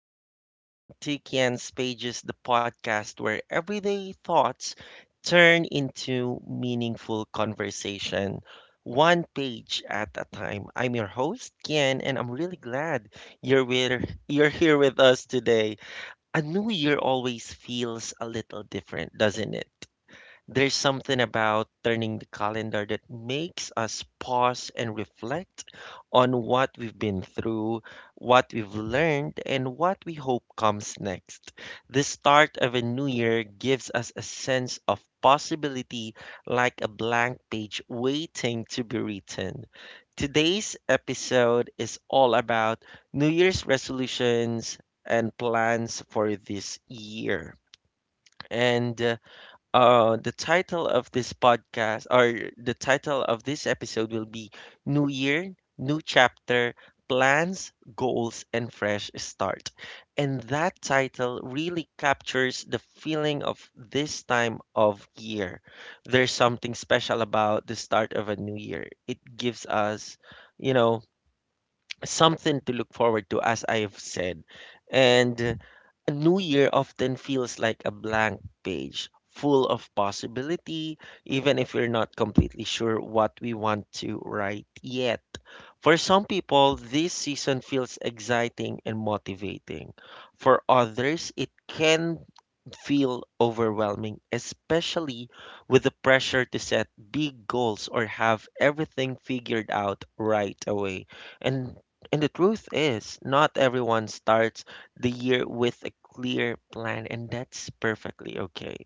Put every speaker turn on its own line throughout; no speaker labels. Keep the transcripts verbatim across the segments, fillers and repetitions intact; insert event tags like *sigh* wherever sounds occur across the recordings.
and welcome to Kian's Pages, the podcast where everyday thoughts turn into meaningful conversation, one page at a time. I'm your host, Kian, and I'm really glad you're with, you're here with us today. A new year always feels a little different, doesn't it? There's something about turning the calendar that makes us pause and reflect on what we've been through, what we've learned, and what we hope comes next. The start of a new year gives us a sense of possibility like a blank page waiting to be written. Today's episode is all about New Year's resolutions and plans for this year. And uh, uh, The title of this podcast or the title of this episode will be New Year, New Chapter, Plans, Goals, and Fresh Start. And that title really captures the feeling of this time of year. There's something special about the start of a new year. It gives us, you know, something to look forward to, as I've said. And uh, A new year often feels like a blank page, full of possibility, even if we're not completely sure what we want to write yet. For some people, this season feels exciting and motivating. For others, it can feel overwhelming, especially with the pressure to set big goals or have everything figured out right away. And and the truth is, not everyone starts the year with a clear plan, and that's perfectly okay.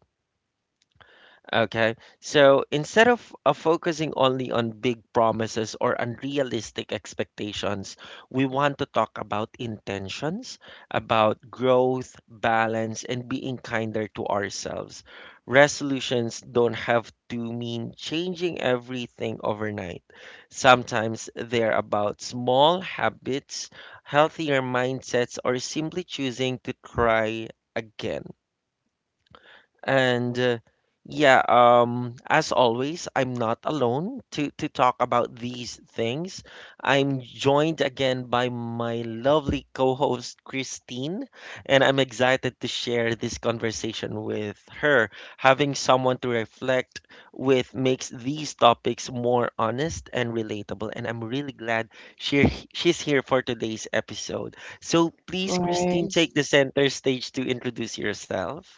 Okay. So instead of uh, focusing only on big promises or unrealistic expectations, we want to talk about intentions, about growth, balance, and being kinder to ourselves. Resolutions don't have to mean changing everything overnight. Sometimes they're about small habits, healthier mindsets, or simply choosing to try again. And uh, yeah, um, as always, I'm not alone to, to talk about these things. I'm joined again by my lovely co host, Christine, and I'm excited to share this conversation with her. Having someone to reflect with makes these topics more honest and relatable, and I'm really glad she, she's here for today's episode. So please, Christine,
Course.
take the center stage to introduce yourself.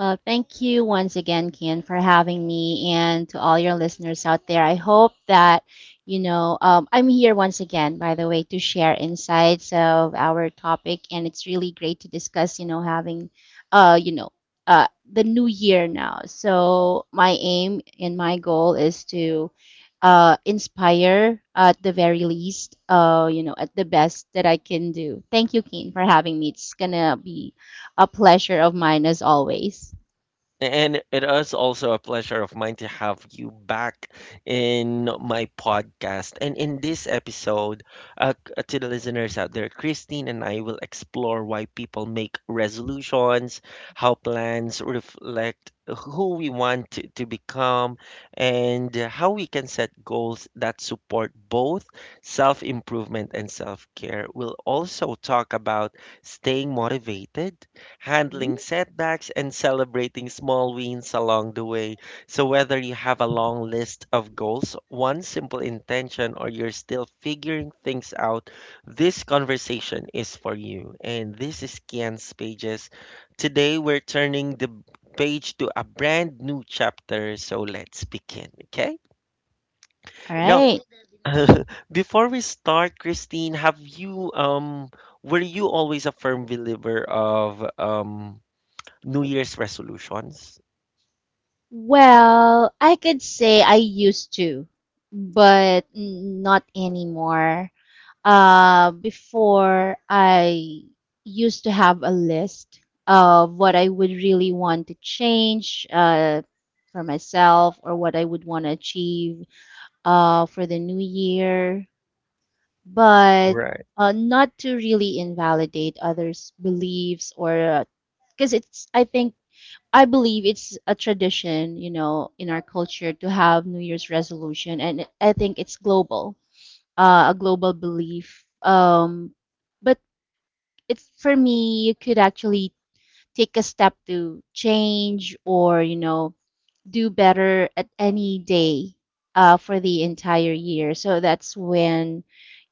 Well, thank you once again, Kian, for having me and to all your listeners out there. I hope that, you know, um, I'm here once again, by the way, to share insights of our topic. And it's really great to discuss, you know, having, uh, you know, uh, the new year now. So my aim and my goal is to uh, inspire at the very least, uh, you know, at the best that I can do. Thank you, Keen, for having me. It's gonna be a pleasure of mine as always.
And it is also a pleasure of mine to have you back in my podcast. And in this episode, uh, c- to the listeners out there, Christine and I will explore why people make resolutions, how plans reflect who we want to, to become, and how we can set goals that support both self improvement and self care. We'll also talk about staying motivated, handling
Mhm.
setbacks, and celebrating small wins along the way. So, whether you have a long list of goals, one simple intention, or you're still figuring things out, this conversation is for you. And this is Kian's Pages. Today, we're turning the page to a brand new chapter. So, let's begin, okay?
All
Now,
right.
*laughs* before we start, Christine, have you, um, were you always a firm believer of um New Year's resolutions?
Well, I could say I used to, but n- not anymore. Uh, before I used to have a list of what I would really want to change uh, for myself or what I would want to achieve uh, for the new year, but
Right,
uh, not to really invalidate others' beliefs or because it's, I think, I believe it's a tradition, you know, in our culture to have New Year's resolution, and I think it's global uh, a global belief. Um, but it's for me, you could actually take a step to change or, you know, do better at any day uh, for the entire year. So that's when,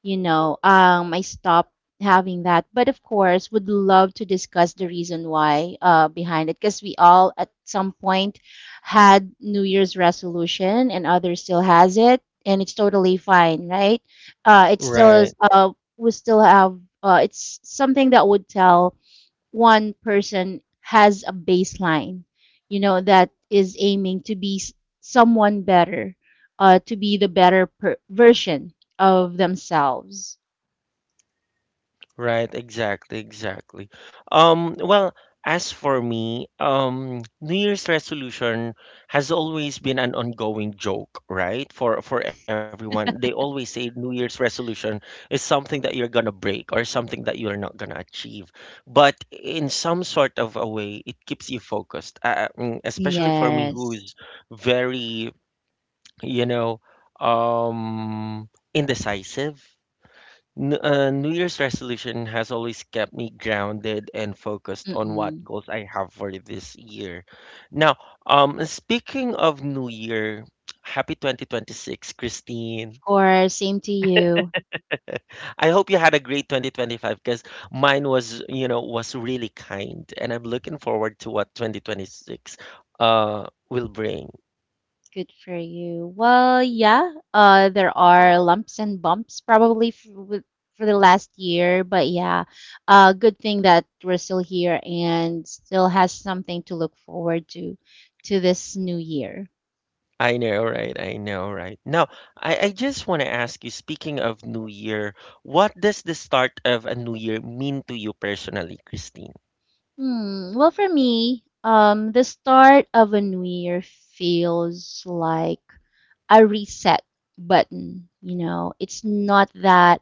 you know, um, I stopped having that. But of course, would love to discuss the reason why uh, behind it, because we all at some point had New Year's resolution and others still has it. And it's totally fine, right? Uh, it still is,
right,
uh, we still have, uh, it's something that would tell one person has a baseline, you know, that is aiming to be s- someone better, uh, to be the better per- version of themselves.
right, exactly, exactly. Um, well, as for me, um, New Year's resolution has always been an ongoing joke, right? For for everyone. They
*laughs*
always say New Year's resolution is something that you're gonna break or something that you're not gonna achieve. But in some sort of a way, it keeps you focused. Uh, mm, especially for me,
Yes.
who's very, you know, um, indecisive. N- uh, New Year's resolution has always kept me grounded and focused on what
Mm-mm.
goals I have for this year. Now, um, speaking of New Year, happy twenty twenty-six, Christine.
Of course, same to you.
I hope you had a great twenty twenty-five because mine was, you know, was really kind, and I'm looking forward to what twenty twenty-six uh will bring.
Good for you. Well, yeah, uh, there are lumps and bumps probably f- with- for the last year, but yeah, uh, good thing that we're still here and still has something to look forward to to this new year.
I know, right? I know, right? Now, I, I just want to ask you, speaking of New Year, what does the start of a New Year mean to you personally, Christine?
Hmm. Well, for me, um, the start of a new year feels like a reset button. You know, it's not that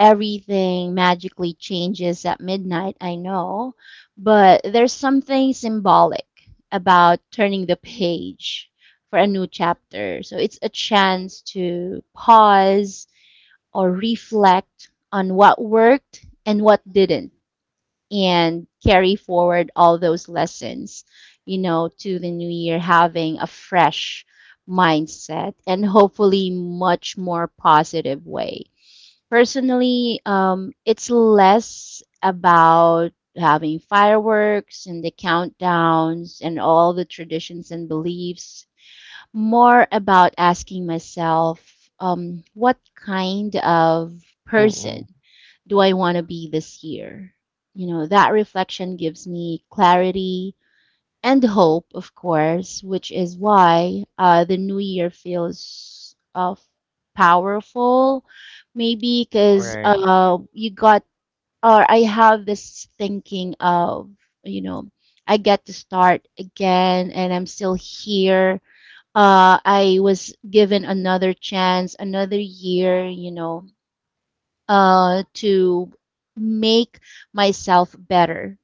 everything magically changes at midnight, I know, but there's something symbolic about turning the page for a new chapter. So it's a chance to pause or reflect on what worked and what didn't and carry forward all those lessons, you know, to the new year, having a fresh mindset and hopefully much more positive way. Personally, um, it's less about having fireworks and the countdowns and all the traditions and beliefs, more about asking myself, um, what kind of person
Mm-mm.
do I want to be this year? You know, that reflection gives me clarity and hope, of course, which is why uh, the new year feels uh, powerful. Maybe because
Right,
uh, you got, or I have this thinking of, you know, I get to start again and I'm still here. Uh, I was given another chance, another year, you know, uh, to make myself better,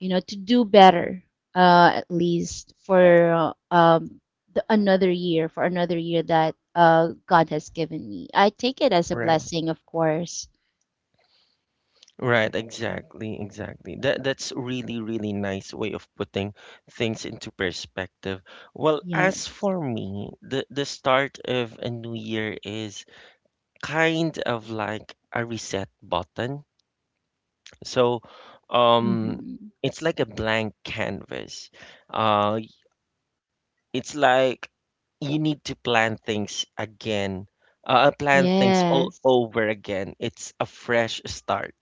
you know, to do better, uh, at least for uh, um, the, another year, for another year that uh, God has given me. I take it as a
right,
blessing, of course.
right. Exactly, exactly. That that's really, really nice way of putting things into perspective. Well, as
Yes.
for me, the the start of a new year is kind of like a reset button. So, um,
Mm-hmm.
it's like a blank canvas. Uh, it's like you need to plan things again. Uh, plan things all
Yes.
over again. It's a fresh start.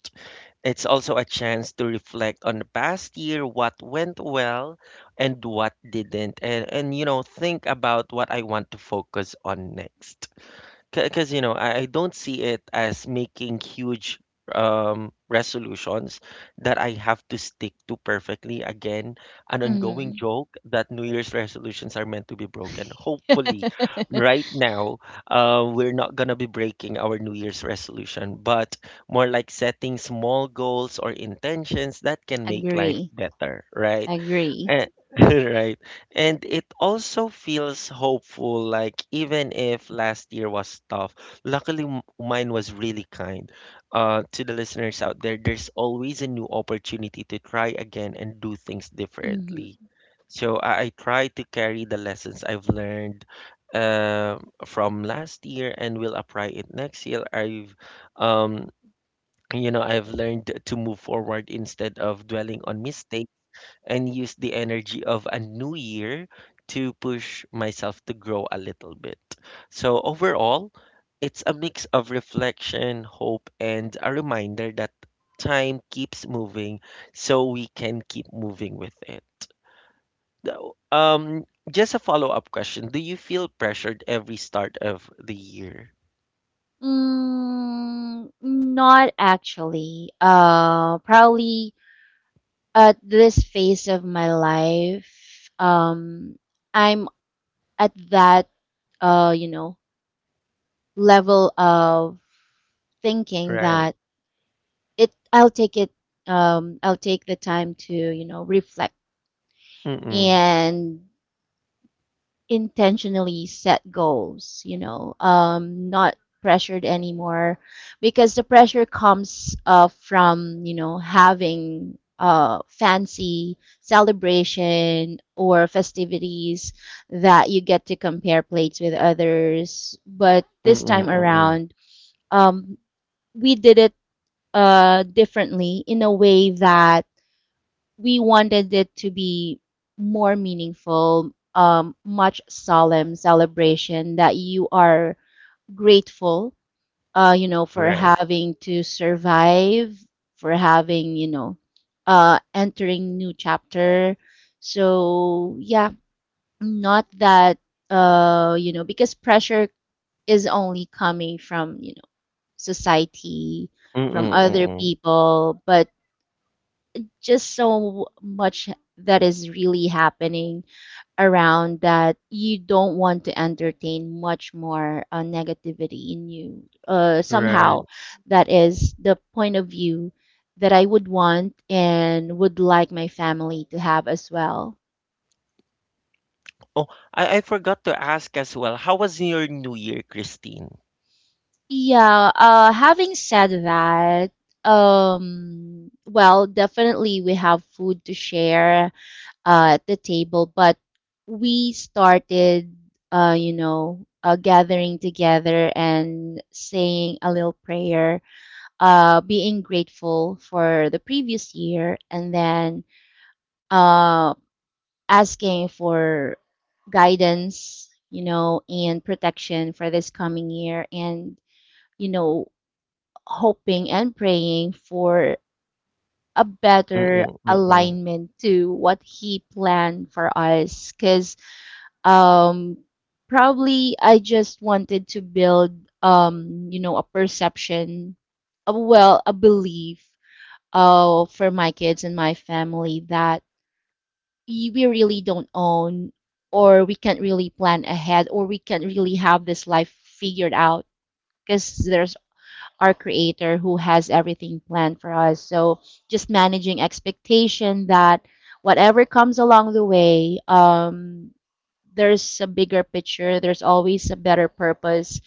It's also a chance to reflect on the past year, what went well and what didn't, and, and you know, think about what I want to focus on next. Because, you know, I, I don't see it as making huge um, resolutions that I have to stick to perfectly. Again, an ongoing
Mm-hmm.
joke that New Year's resolutions are meant to be broken. Hopefully,
*laughs*
right now, uh, we're not going to be breaking our New Year's resolution, but more like setting small goals or intentions that can make life
Agree.
better, right?
Agree.
Eh, *laughs* right. And it also feels hopeful, like even if last year was tough, luckily m- mine was really kind. Uh, to the listeners out there, there's always a new opportunity to try again and do things differently.
Mm-hmm.
So I, I try to carry the lessons I've learned uh, from last year and will apply it next year. I've um, you know, I've learned to move forward instead of dwelling on mistakes and use the energy of a new year to push myself to grow a little bit. So, overall, it's a mix of reflection, hope, and a reminder that time keeps moving so we can keep moving with it. Now, Um, just a follow-up question. Do you feel pressured every start of the year?
Mm, not actually. Uh, probably at this phase of my life, um, I'm at that, uh, you know, level of thinking
Right.
that it, I'll take it, um, I'll take the time to, you know, reflect
Mm-mm.
and intentionally set goals, you know, um, not pressured anymore, because the pressure comes uh, from, you know, having uh, fancy celebration or festivities that you get to compare plates with others. But this
Mm-mm.
time
Mm-mm.
around, um, we did it uh, differently in a way that we wanted it to be more meaningful, um, much solemn celebration that you are grateful, uh, you know, for
Right.
having to survive, for having, you know, uh, entering new chapter. So yeah, not that, uh, you know, because pressure is only coming from, you know, society, from
Mm-mm.
other
Mm-mm.
people, but just so much that is really happening around that you don't want to entertain much more uh, negativity in you. Uh,
Right.
somehow, that is the point of view that I would want and would like my family to have as well.
Oh, I I forgot to ask as well, how was your New Year, Christine?
Yeah, uh, having said that, um, well, definitely we have food to share uh, at the table, but we started, uh, you know, uh, gathering together and saying a little prayer, uh, being grateful for the previous year, and then uh, asking for guidance, you know, and protection for this coming year, and, you know, hoping and praying for a better
Mm, mm.
alignment to what he planned for us, because um probably I just wanted to build um you know a perception, a, well, a belief uh for my kids and my family that y- we really don't own or we can't really plan ahead or we can't really have this life figured out, because there's our creator who has everything planned for us. So, just managing expectation that whatever comes along the way, um there's a bigger picture, there's always a better purpose.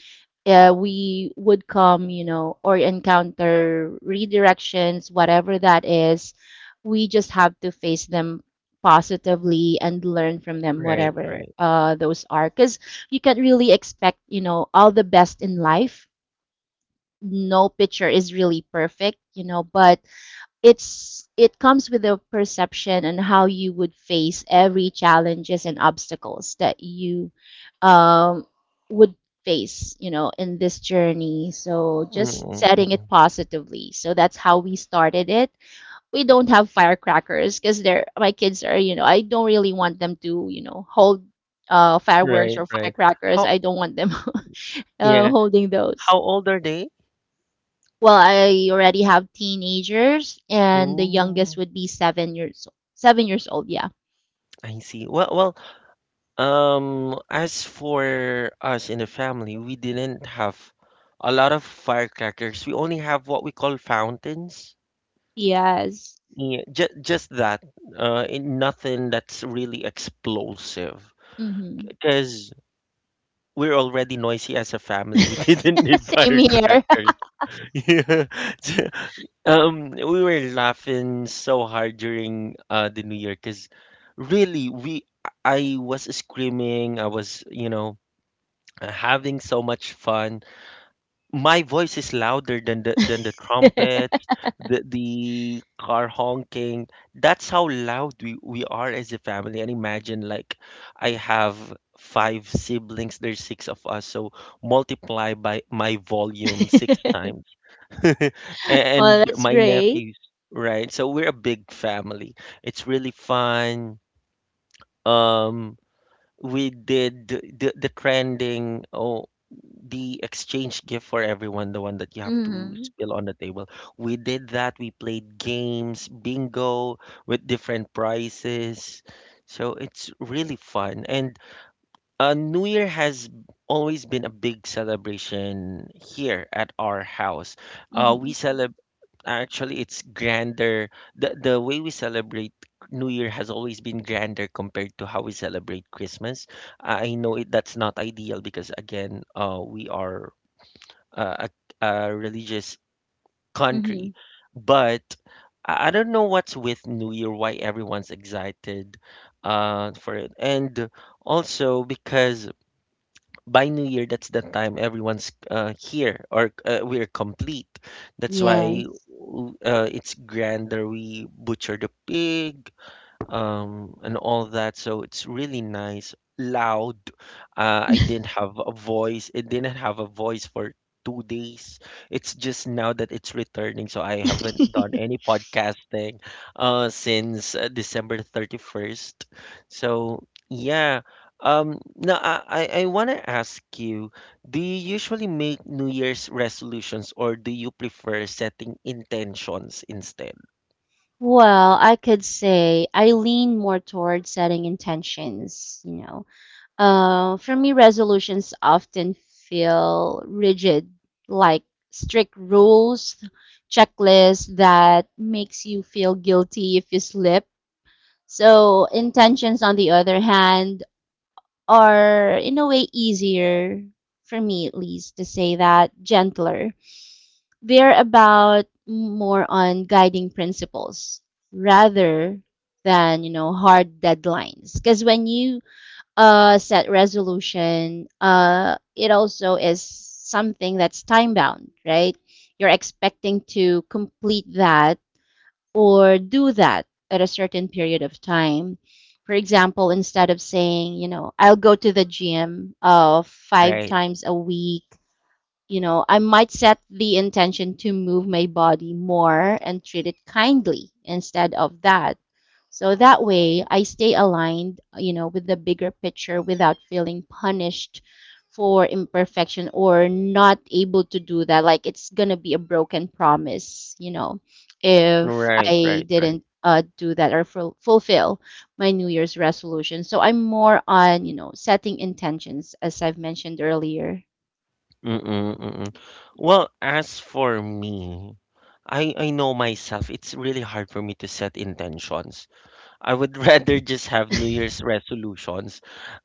uh, We would come you know or encounter redirections, whatever that is. We just have to face them positively and learn from them,
Right,
whatever
right.
uh, those are, because you can't really expect you know all the best in life. No picture is really perfect, you know but it's it comes with a perception on how you would face every challenges and obstacles that you um, would face you know in this journey. So just
Mm,
setting it
mm.
positively, so that's how we started it. We don't have firecrackers because they're my kids are. you know I don't really want them to you know hold uh, fireworks
Right,
or
right.
firecrackers.
How
I don't want them *laughs* uh,
Yeah,
holding those.
how old are they?
Well, I already have teenagers, and the youngest
Ooh,
would be seven years seven years old. Yeah.
I see. Well, well, um, as for us in the family, we didn't have a lot of firecrackers. We only have what we call fountains.
Yes.
Yeah, just just that. Uh, in- nothing that's really explosive.
Mm-hmm.
Because we're already noisy as a family. We didn't
*laughs*
need *laughs*
Same here.
firecrackers. *laughs* Yeah. So, Um, we were laughing so hard during uh, the New Year because really we I was screaming. I was, you know having so much fun. My voice is louder than the than the trumpets, the the car honking. That's how loud we we are as a family. And imagine like I have five siblings, there's six of us, so multiply by my volume six times.
*laughs*
*laughs*
Well,
And
that's
my
great.
nephews, right? So we're a big family. It's really fun. Um we did the, the the trending, oh, the exchange gift for everyone, the one that you have to
Mm-hmm.
spill on the table. We did that. We played games, bingo with different prizes. So it's really fun. And uh, new year has always been a big celebration here at our house. Uh,
Mm-hmm.
we celebrate Actually, it's grander. The the way we celebrate New Year has always been grander compared to how we celebrate Christmas. I know it that's not ideal because again, uh, we are uh, a, a religious
Mm-hmm.
country, but I I don't know what's with New Year, why everyone's excited uh, for it. And also because by New Year, that's the time everyone's uh, here or uh, we're complete. That's why
Yes.
w- uh, it's grander. We butcher the pig, um, and all of that. So it's really nice, loud. Uh, I didn't have a voice. It didn't have a voice for two days. It's just now that it's returning. So I haven't done any
*laughs*
podcasting uh, since uh, December thirty-first. So yeah. Um, now I, I want to ask you, do you usually make New Year's resolutions or do you prefer setting intentions instead?
Well, I could say I lean more towards setting intentions, you know, Uh, for me, resolutions often feel rigid, like strict rules, checklists that makes you feel guilty if you slip. So intentions, on the other hand, are in a way easier for me, at least, to say that gentler. They're about more on guiding principles rather than you know hard deadlines. Because when you uh, set resolution, uh, it also is something that's time bound, right? You're expecting to complete that or do that at a certain period of time. For example, instead of saying, you know, I'll go to the gym uh, five
Right,
times a week. you know, I might set the intention to move my body more and treat it kindly instead of that. So that way I stay aligned, you know, with the bigger picture without feeling punished for imperfection or not able to do that. Like it's going to be a broken promise, you know, if
right,
I
right, right.
didn't uh, do that or ful- fulfill my New Year's resolution. So I'm more on, you know, setting intentions, as I've mentioned earlier.
Mm-mm, mm-mm. Well, as for me, I I know myself. It's really hard for me to set intentions. I would *laughs* rather just have New Year's resolutions,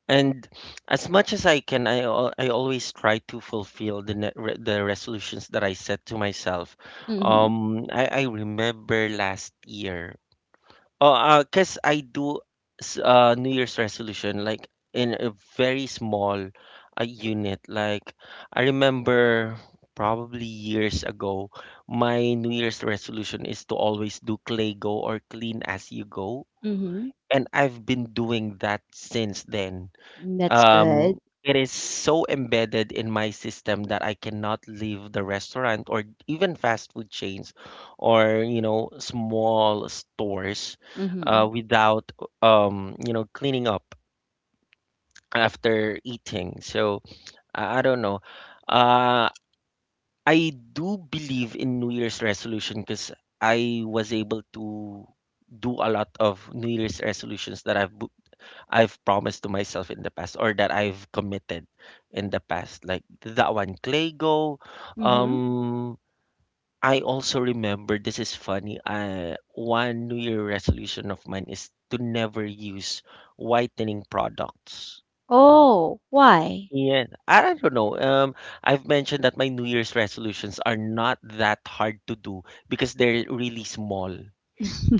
and as much as I can, I al- I always try to fulfill the ne re the resolutions that I set to myself.
Hmm.
Um, I I remember last year. Oh, uh, cause I do s- uh New Year's resolution like in a very small uh, unit. Like I remember probably years ago, my New Year's resolution is to always do clay go or clean as you go.
Mhm.
And I've been doing that since then.
Mm, that's
Um,
good.
it is so embedded in my system that I cannot leave the restaurant or even fast food chains or, you know, small stores uh,
Mhm.
without, um, you know, cleaning up after eating. So I, I don't know. Uh, I do believe in New Year's resolution because I was able to do a lot of New Year's resolutions that I've bu- I've promised to myself in the past or that I've committed in the past. Like that one, Claygo.
Mhm.
Um, I also remember this is funny. I one New Year resolution of mine is to never use whitening products.
Oh, why?
Yeah, I don't know. Um, I've mentioned that my New Year's resolutions are not that hard to do because they're really small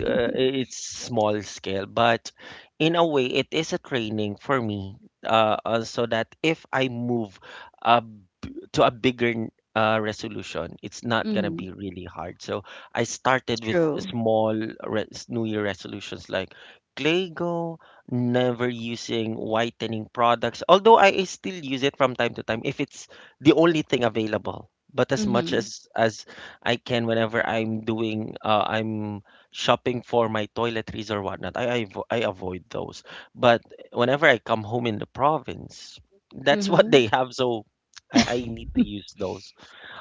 uh, it's small scale, but in a way, it is a training for me, uh, uh, so that if I move uh, b- to a bigger n- uh, resolution, it's not gonna
Mhm.
be really hard. So I started with
True.
small res New Year resolutions like Clego, never using whitening products, although I still use it from time to time if it's the only thing available. But as much
Mhm.
as as I can whenever I'm doing uh, I'm shopping for my toiletries or whatnot, I, I, avo- I avoid those. But whenever I come home in the province, that's *laughs* what
Mhm.
they have. So I, I need to use
*laughs*
those.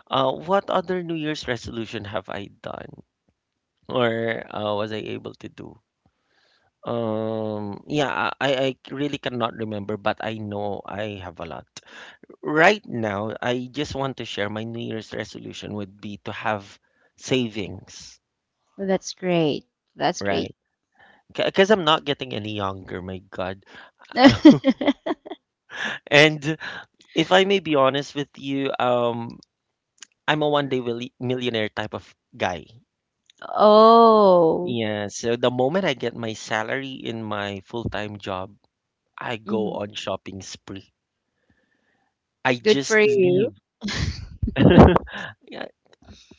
Uh, what other New Year's resolution have I done or uh, was I able to do? Um, yeah, I, I really cannot remember, but I know I have a lot. Right now, I just want to share my New Year's resolution would be to have savings,
That's great. That's great.
right? Because I'm not getting any younger, my God. *laughs*
*laughs*
And if I may be honest with you, um, I'm a one day willi- millionaire type of guy.
Oh.
Yeah, so the moment I get my salary in my full time job, I go
Mhm.
on shopping spree. I
Good for
just
you.
leave.
*laughs*
*laughs* Yeah,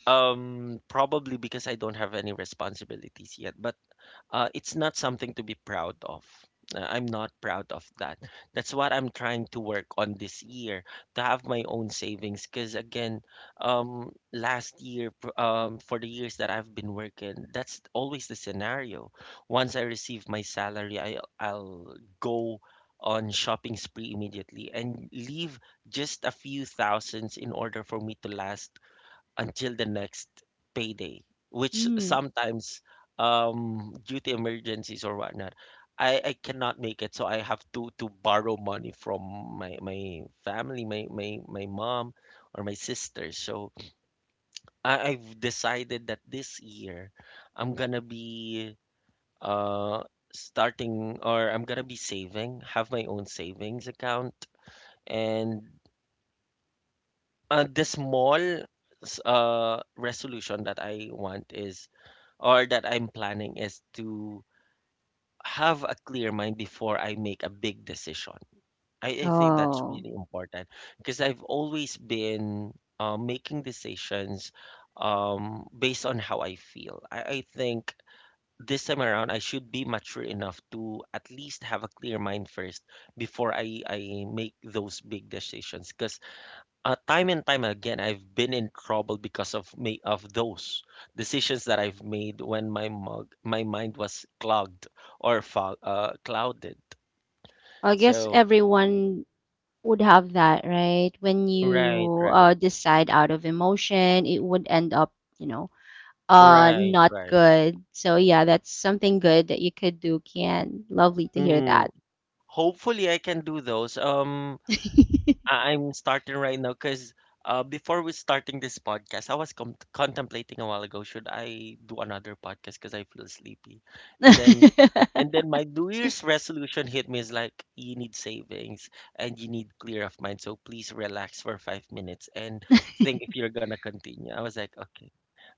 um, probably because I don't have any responsibilities yet. But uh, it's not something to be proud of. Uh, I'm not proud of that. That's what I'm trying to work on this year to have my own savings. Because again, um, last year, pr- um, for the years that I've been working, that's always the scenario. Once I receive my salary, I, I'll go on shopping spree immediately and leave just a few thousands in order for me to last until the next payday, which
Mm.
sometimes um due to emergencies or whatnot, I, I cannot make it, so I have to to borrow money from my my family, my my, my mom or my sister. So I, I've decided that this year I'm gonna be uh starting or I'm gonna be saving, have my own savings account and uh, the small s- uh resolution that I want is or that I'm planning is to have a clear mind before I make a big decision. I, I think that's
Oh,
really important because I've always been uh, making decisions um, based on how I feel. I, I think this time around, I should be mature enough to at least have a clear mind first before I, I make those big decisions because uh, time and time again I've been in trouble because of me of those decisions that I've made when my mug my mind was clogged or fog, uh, clouded.
I guess
So
everyone would have that, right? When
right,
you uh,
right,
decide out of emotion, it would end up, you know, uh
right,
not
right.
good. So yeah, that's something good that you could do, Kian. Lovely to hear
Mm-mm.
that.
Hopefully I can do those. Um,
*laughs*
I- I'm starting right now because uh, before we starting this podcast, I was com- contemplating a while ago, should I do another podcast because I feel sleepy? And then, and then my New Year's resolution hit me is like, you need savings and you need clear of mind. So please relax for five minutes and think if you're gonna continue. I was like, okay,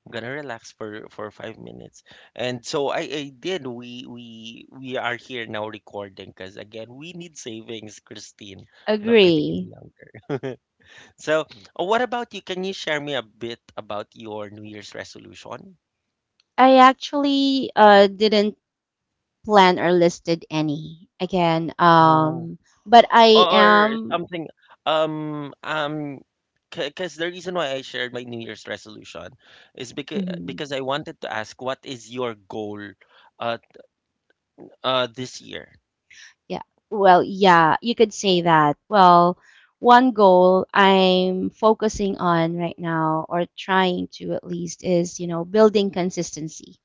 I'm gonna relax for for five minutes. And so I, I did. We we we are here now recording because again, we need savings, Christine. I'm not getting any
Agree.
younger. So, oh, what about you? Can you share me a bit about your New Year's resolution?
I actually uh didn't plan or listed any again.
Oh.
Um, but I
Or,
am.
something um um because the reason why I shared my New Year's resolution is because
Mhm,
because I wanted to ask what is your goal uh uh this year?
yeah. Well, yeah, you could say that. Well, one goal I'm focusing on right now, or trying to at least, is you know building consistency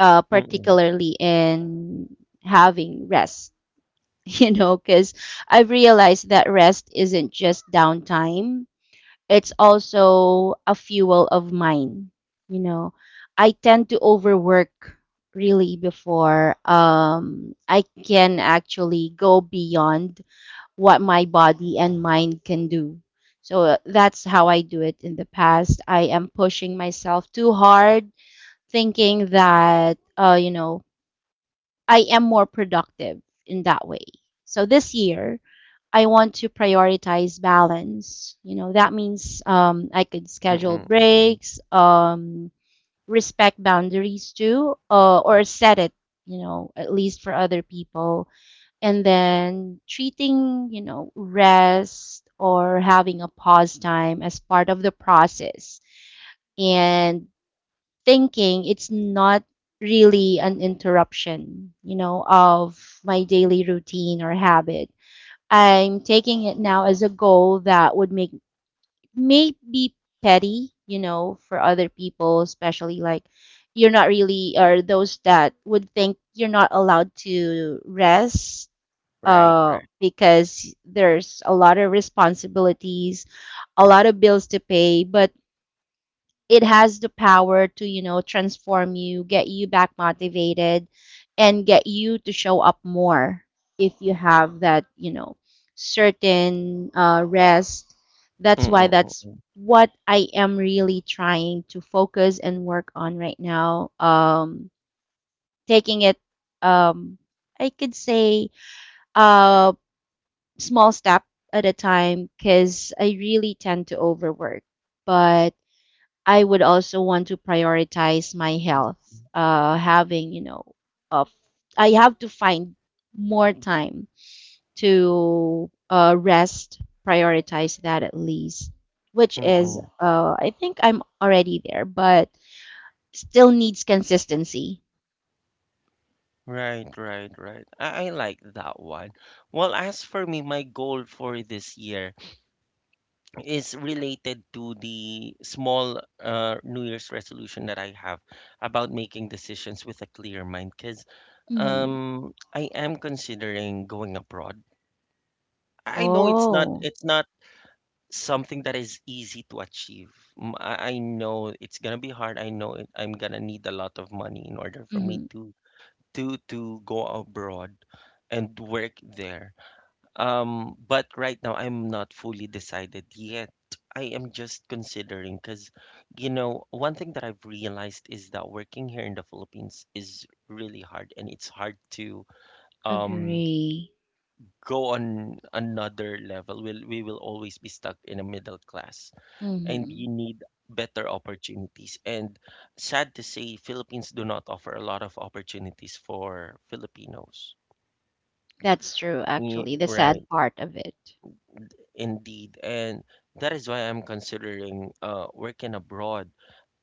uh,
Mm-mm,
particularly in having rest, *laughs* you know, because I've realized that rest isn't just downtime, it's also a fuel of mine. You know, I tend to overwork really before um, I can actually go beyond what my body and mind can do. So uh, that's how I do it in the past. I am pushing myself too hard, thinking that, uh, you know, I am more productive in that way. So this year, I want to prioritize balance. You know, that means um, I could schedule
mm-mm, mm-mm.
breaks, um, respect boundaries too, uh, or set it, you know, at least for other people. And then treating, you know, rest or having a pause time as part of the process. And thinking it's not really an interruption, you know, of my daily routine or habit. I'm taking it now as a goal that would make may be petty, you know, for other people, especially like you're not really or those that would think you're not allowed to rest
Right,
uh
right.
because there's a lot of responsibilities, a lot of bills to pay, but it has the power to you know transform, you get you back motivated and get you to show up more if you have that you know certain uh, rest. That's why
Mm-mm,
that's
mm-mm,
what I am really trying to focus and work on right now. Um taking it, um I could say, uh small step at a time because I really tend to overwork, but I would also want to prioritize my health. Uh, having you know, uh, I have to find more time to uh, rest. Prioritize that at least, which is
mm-mm.
uh, I think I'm already there, but still needs consistency.
Right, right, right. I, I like that one. Well, as for me, my goal for this year is related to the small uh, New Year's resolution that I have about making decisions with a clear mind. Because
Hmm.
um, I am considering going abroad. I know it's not
Oh.
it's not something that is easy to achieve. M- I, I know it's gonna be hard. I know it, I'm gonna need a lot of money in order for me
Hmm,
to to to go abroad and work there um, but right now I'm not fully decided yet. I am just considering because, you know, one thing that I've realized is that working here in the Philippines is really hard and it's hard to um
agree.
go on another level. We'll, we will always be stuck in a middle class and you
Hmm.
need better opportunities. And sad to say, Philippines do not offer a lot of opportunities for Filipinos.
That's true.
Ye-
Actually, the sad
Right.
part of it.
Indeed, and that is why I'm considering uh, working abroad.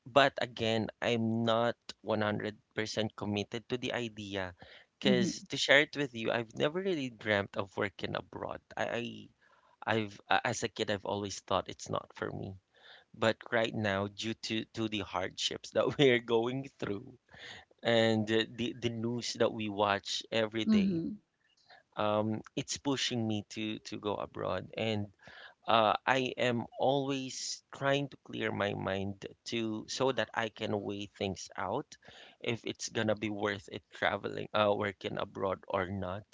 But again, I'm not one hundred percent committed to the idea
Mm-hmm.
because to share it with you, I've never really dreamt of working abroad. I, I I've a- as a kid, I've always thought it's not for me. But right now, due to to the hardships that *laughs* we're going through and uh, the the news that we watch every day,
Mm-hmm.
um, it's pushing me to to go abroad and uh, I am always trying to clear my mind to so that I can weigh things out if it's gonna be worth it traveling uh working abroad or not.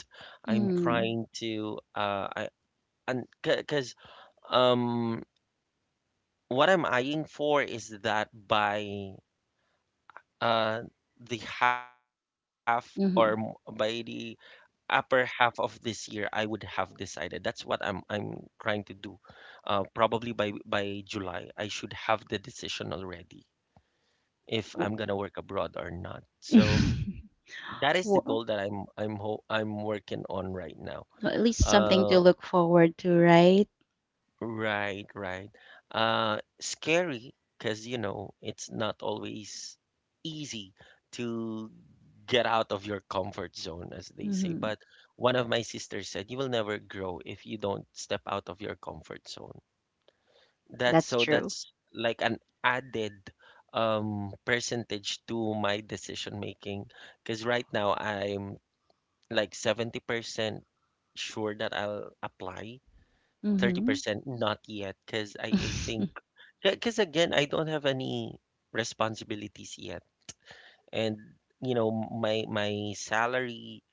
I'm
Mm-hmm.
trying to uh I and because um what I'm eyeing for is that by uh the half or m- by the upper half of this year I would have decided. That's what I'm I'm trying to do. Uh, probably by by July I should have the decision already if I'm
Mm-hmm.
gonna work abroad or not. So
*laughs*
that is the
Well,
goal that I'm I'm ho I'm working on right now.
well, at least something to
Uh,
look forward to, right?
Right, right. Uh, scary because you know it's not always easy to get out of your comfort zone, as they say.
Mm-hmm.
But one of my sisters said, "You will never grow if you don't step out of your comfort zone." That's
That's
so
true.
that's like an added um percentage to my decision making because right now I'm like seventy percent sure that I'll apply,
Mm-hmm.
thirty percent not yet because I, I think
*laughs*
because again, I don't have any responsibilities yet, and you know my my salary.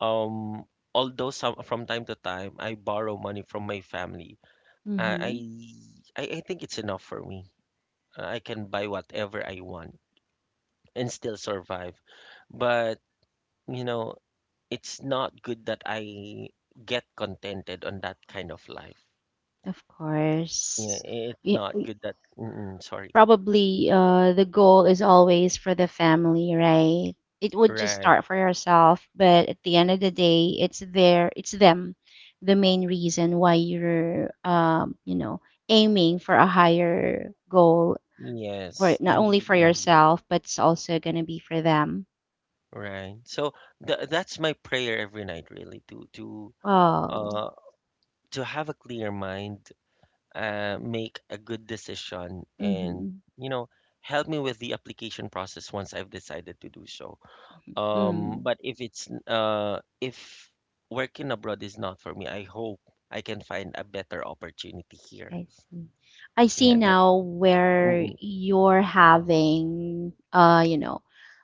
Um, Although some from time to time I borrow money from my family, uh, I
Mm-hmm.
I I think it's enough for me. Uh, I can buy whatever I want and still survive. But you know, it's not good that I get contented on that kind of life.
Of
Yeah,
course.
it's
Yeah,
not
y-
good that. Mm-mm, sorry.
probably uh, the goal is always for the family, right? It would just
Right.
start for yourself, but at the end of the day, it's their, it's them, the main reason why you're, um, you know, aiming for a higher goal for
Yes,
not only
indeed,
for
indeed.
yourself, but it's also gonna be for them.
Right. So th that's my prayer every night, really, to to
Oh.
uh to have a clear mind, uh, make a good decision, and
Mm-hmm.
you know, help me with the application process once I've decided to do so. Um,
Mm,
but if it's n- uh if working abroad is not for me, I hope I can find a better opportunity here.
I see. I see
Yeah, that.
now where
Mm-mm,
you're having, uh, you know,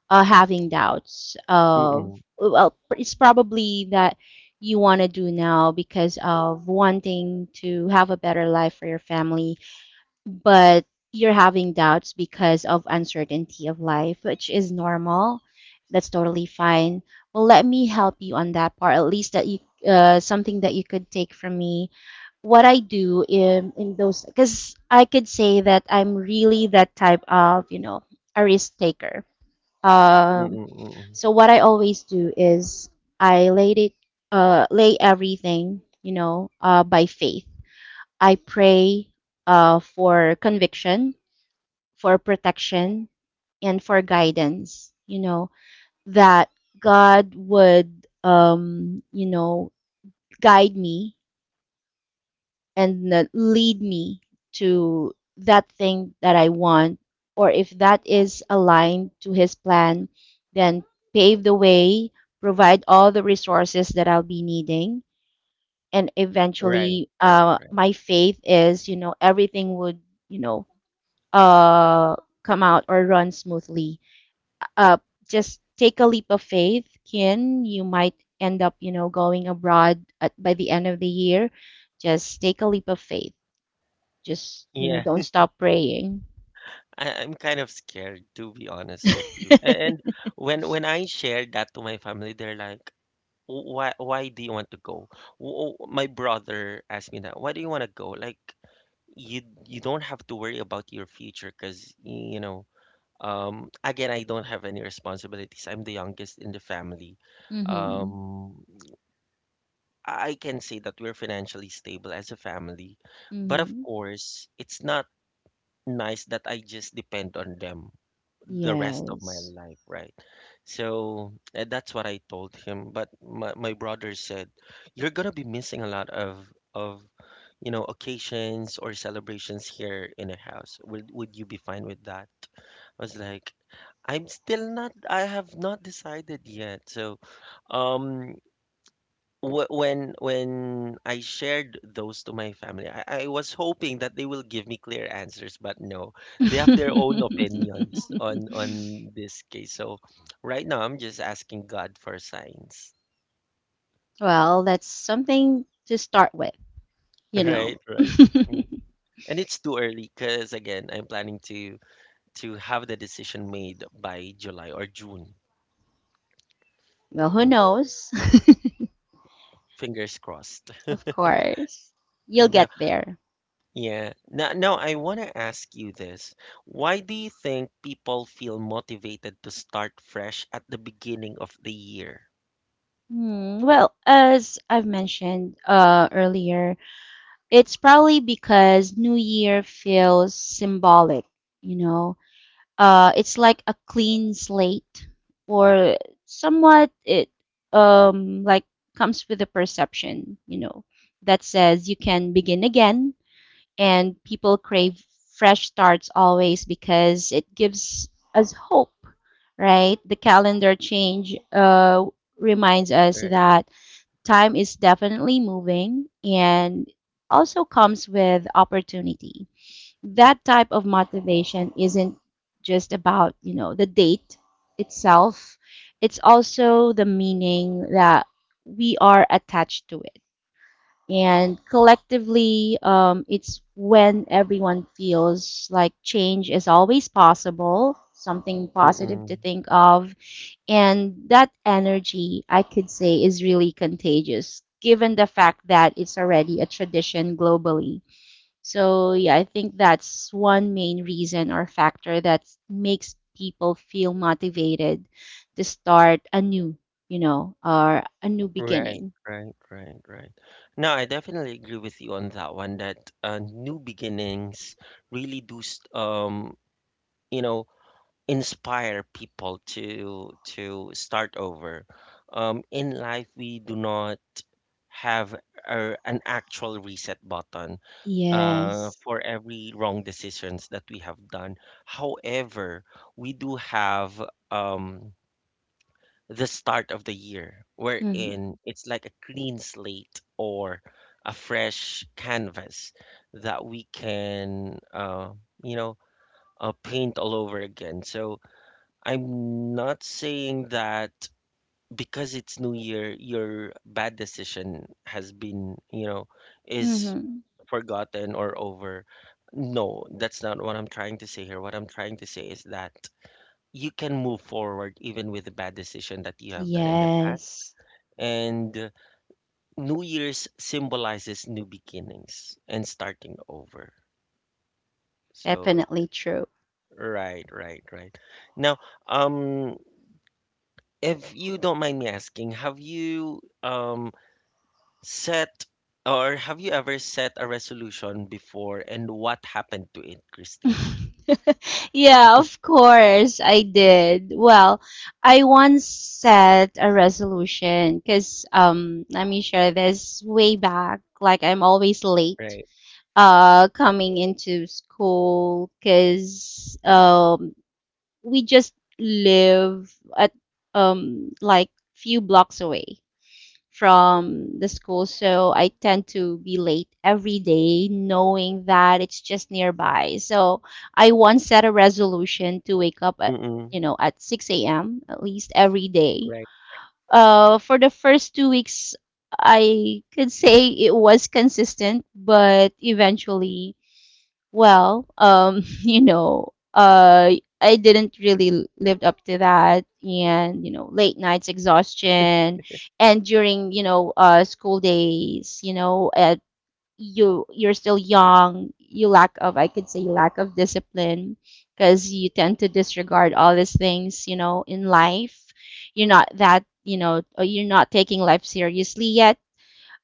uh, having doubts of,
mm-mm,
well, it's probably that you want to do now because of wanting to have a better life for your family, but you're having doubts because of uncertainty of life, which is normal. That's totally fine. Well, let me help you on that part, at least that you uh, something that you could take from me. What I do in, in those, because I could say that I'm really that type of, you know, a risk taker. Um,
mm-mm, mm-mm.
so what I always do is I laid it, uh, lay everything, you know, uh, by faith. I pray uh, for conviction, for protection, and for guidance. You know, that God would, um, you know, guide me and uh, lead me to that thing that I want. Or if that is aligned to His plan, then pave the way, provide all the resources that I'll be needing. And
Right,
eventually,
right,
uh,
right.
my faith is, you know, everything would, you know, uh, come out or run smoothly. Uh, just take a leap of faith, Kin. You might end up, you know, going abroad at, by the end of the year. Just take a leap of faith. Just, you know,
Yeah.
don't stop praying. *laughs*
I, I'm kind of scared to be honest with you. A- And when when I shared that to my family, they're like, "Wh- "Why why do you want to go?" Wh- wh- My brother asked me that. "Why do you want to go?" Like you you don't have to worry about your future because you know. Um, again, I don't have any responsibilities. I'm the youngest in the family.
Hmm.
Um, I can say that we're financially stable as a family, but of
Hmm.
course, it's not nice that I just depend on them the rest of my
Yes.
life, right? So and that's what I told him. But my, my brother said, You're gonna be missing a lot of of you know occasions or celebrations here in the house. Would would you be fine with that? I was like, I'm still not I have not decided yet. So um wh- when when I shared those to my family, I, I was hoping that they will give me clear answers, but no, they have their own
*laughs*
opinions on on this case. So right now, I'm just asking God for signs. *laughs*
Well, that's something to start with, you know.
Right, right.
*laughs*
Mm. And it's too early because again, I'm planning to to have the decision made by July or June.
Well, who
Mm.
knows?
Fingers crossed.
*laughs* Of course. You'll
And now.
get there.
Yeah. Now, now I want to ask you this. Why do you think people feel motivated to start fresh at the beginning of the year?
Hmm, well, as I've mentioned uh, earlier, it's probably because New Year feels symbolic, you know. Uh, it's like a clean slate, or somewhat it um like comes with a perception, you know, that says you can begin again, and people crave fresh starts always because it gives us hope, right? The calendar change uh reminds us
Right.
that time is definitely moving and also comes with opportunity. That type of motivation isn't just about, you know, the date itself. It's also the meaning that we are attached to it and collectively, um, it's when everyone feels like change is always possible, something positive to
Mm-mm.
think of. And that energy, I could say, is really contagious, given the fact that it's already a tradition globally. So, yeah, I think that's one main reason or factor that makes people feel motivated to start anew, you know, or a new
Right,
beginning.
right, right, right. No, I definitely agree with you on that one that uh, new beginnings really do st- um, you know, inspire people to to start over. Um, in life we do not have a, an actual reset button uh,
Yes.
for every wrong decisions that we have done. However, we do have um, the start of the year wherein it's like a clean slate or a fresh canvas that we can, uh, you know, uh, paint all over again. So I'm not saying that because it's New Year, your bad decision has been, you know, is
Mm-hmm.
forgotten or over. No, that's not what I'm trying to say here. What I'm trying to say is that you can move forward even with the bad decision that you have done in the past.
Yes,
And uh, New Year's symbolizes new beginnings and starting over. So,
definitely true.
right, right, right. Now, um, if you don't mind me asking, have you um set or have you ever set a resolution before, and what happened to it, Christine?
*laughs* Yeah, of course I did. Well, I once set a resolution because um let me share this way back. Like I'm always late
Right.
uh coming into school because um we just live at um like few blocks away from the school, so I tend to be late every day, knowing that it's just nearby. So I once set a resolution to wake up at you
Mm-mm.
know at six a m at least every day.
Right.
Uh, for the first two weeks, I could say it was consistent, but eventually well, um, *laughs* you know, uh, I didn't really l- lived up to that, and you know, late nights exhaustion, and during you know, uh, school days, you know, uh, you you're still young, you lack of, I could say, lack of discipline, because you tend to disregard all these things, you know, in life. You're not that, you know, uh, you're not taking life seriously yet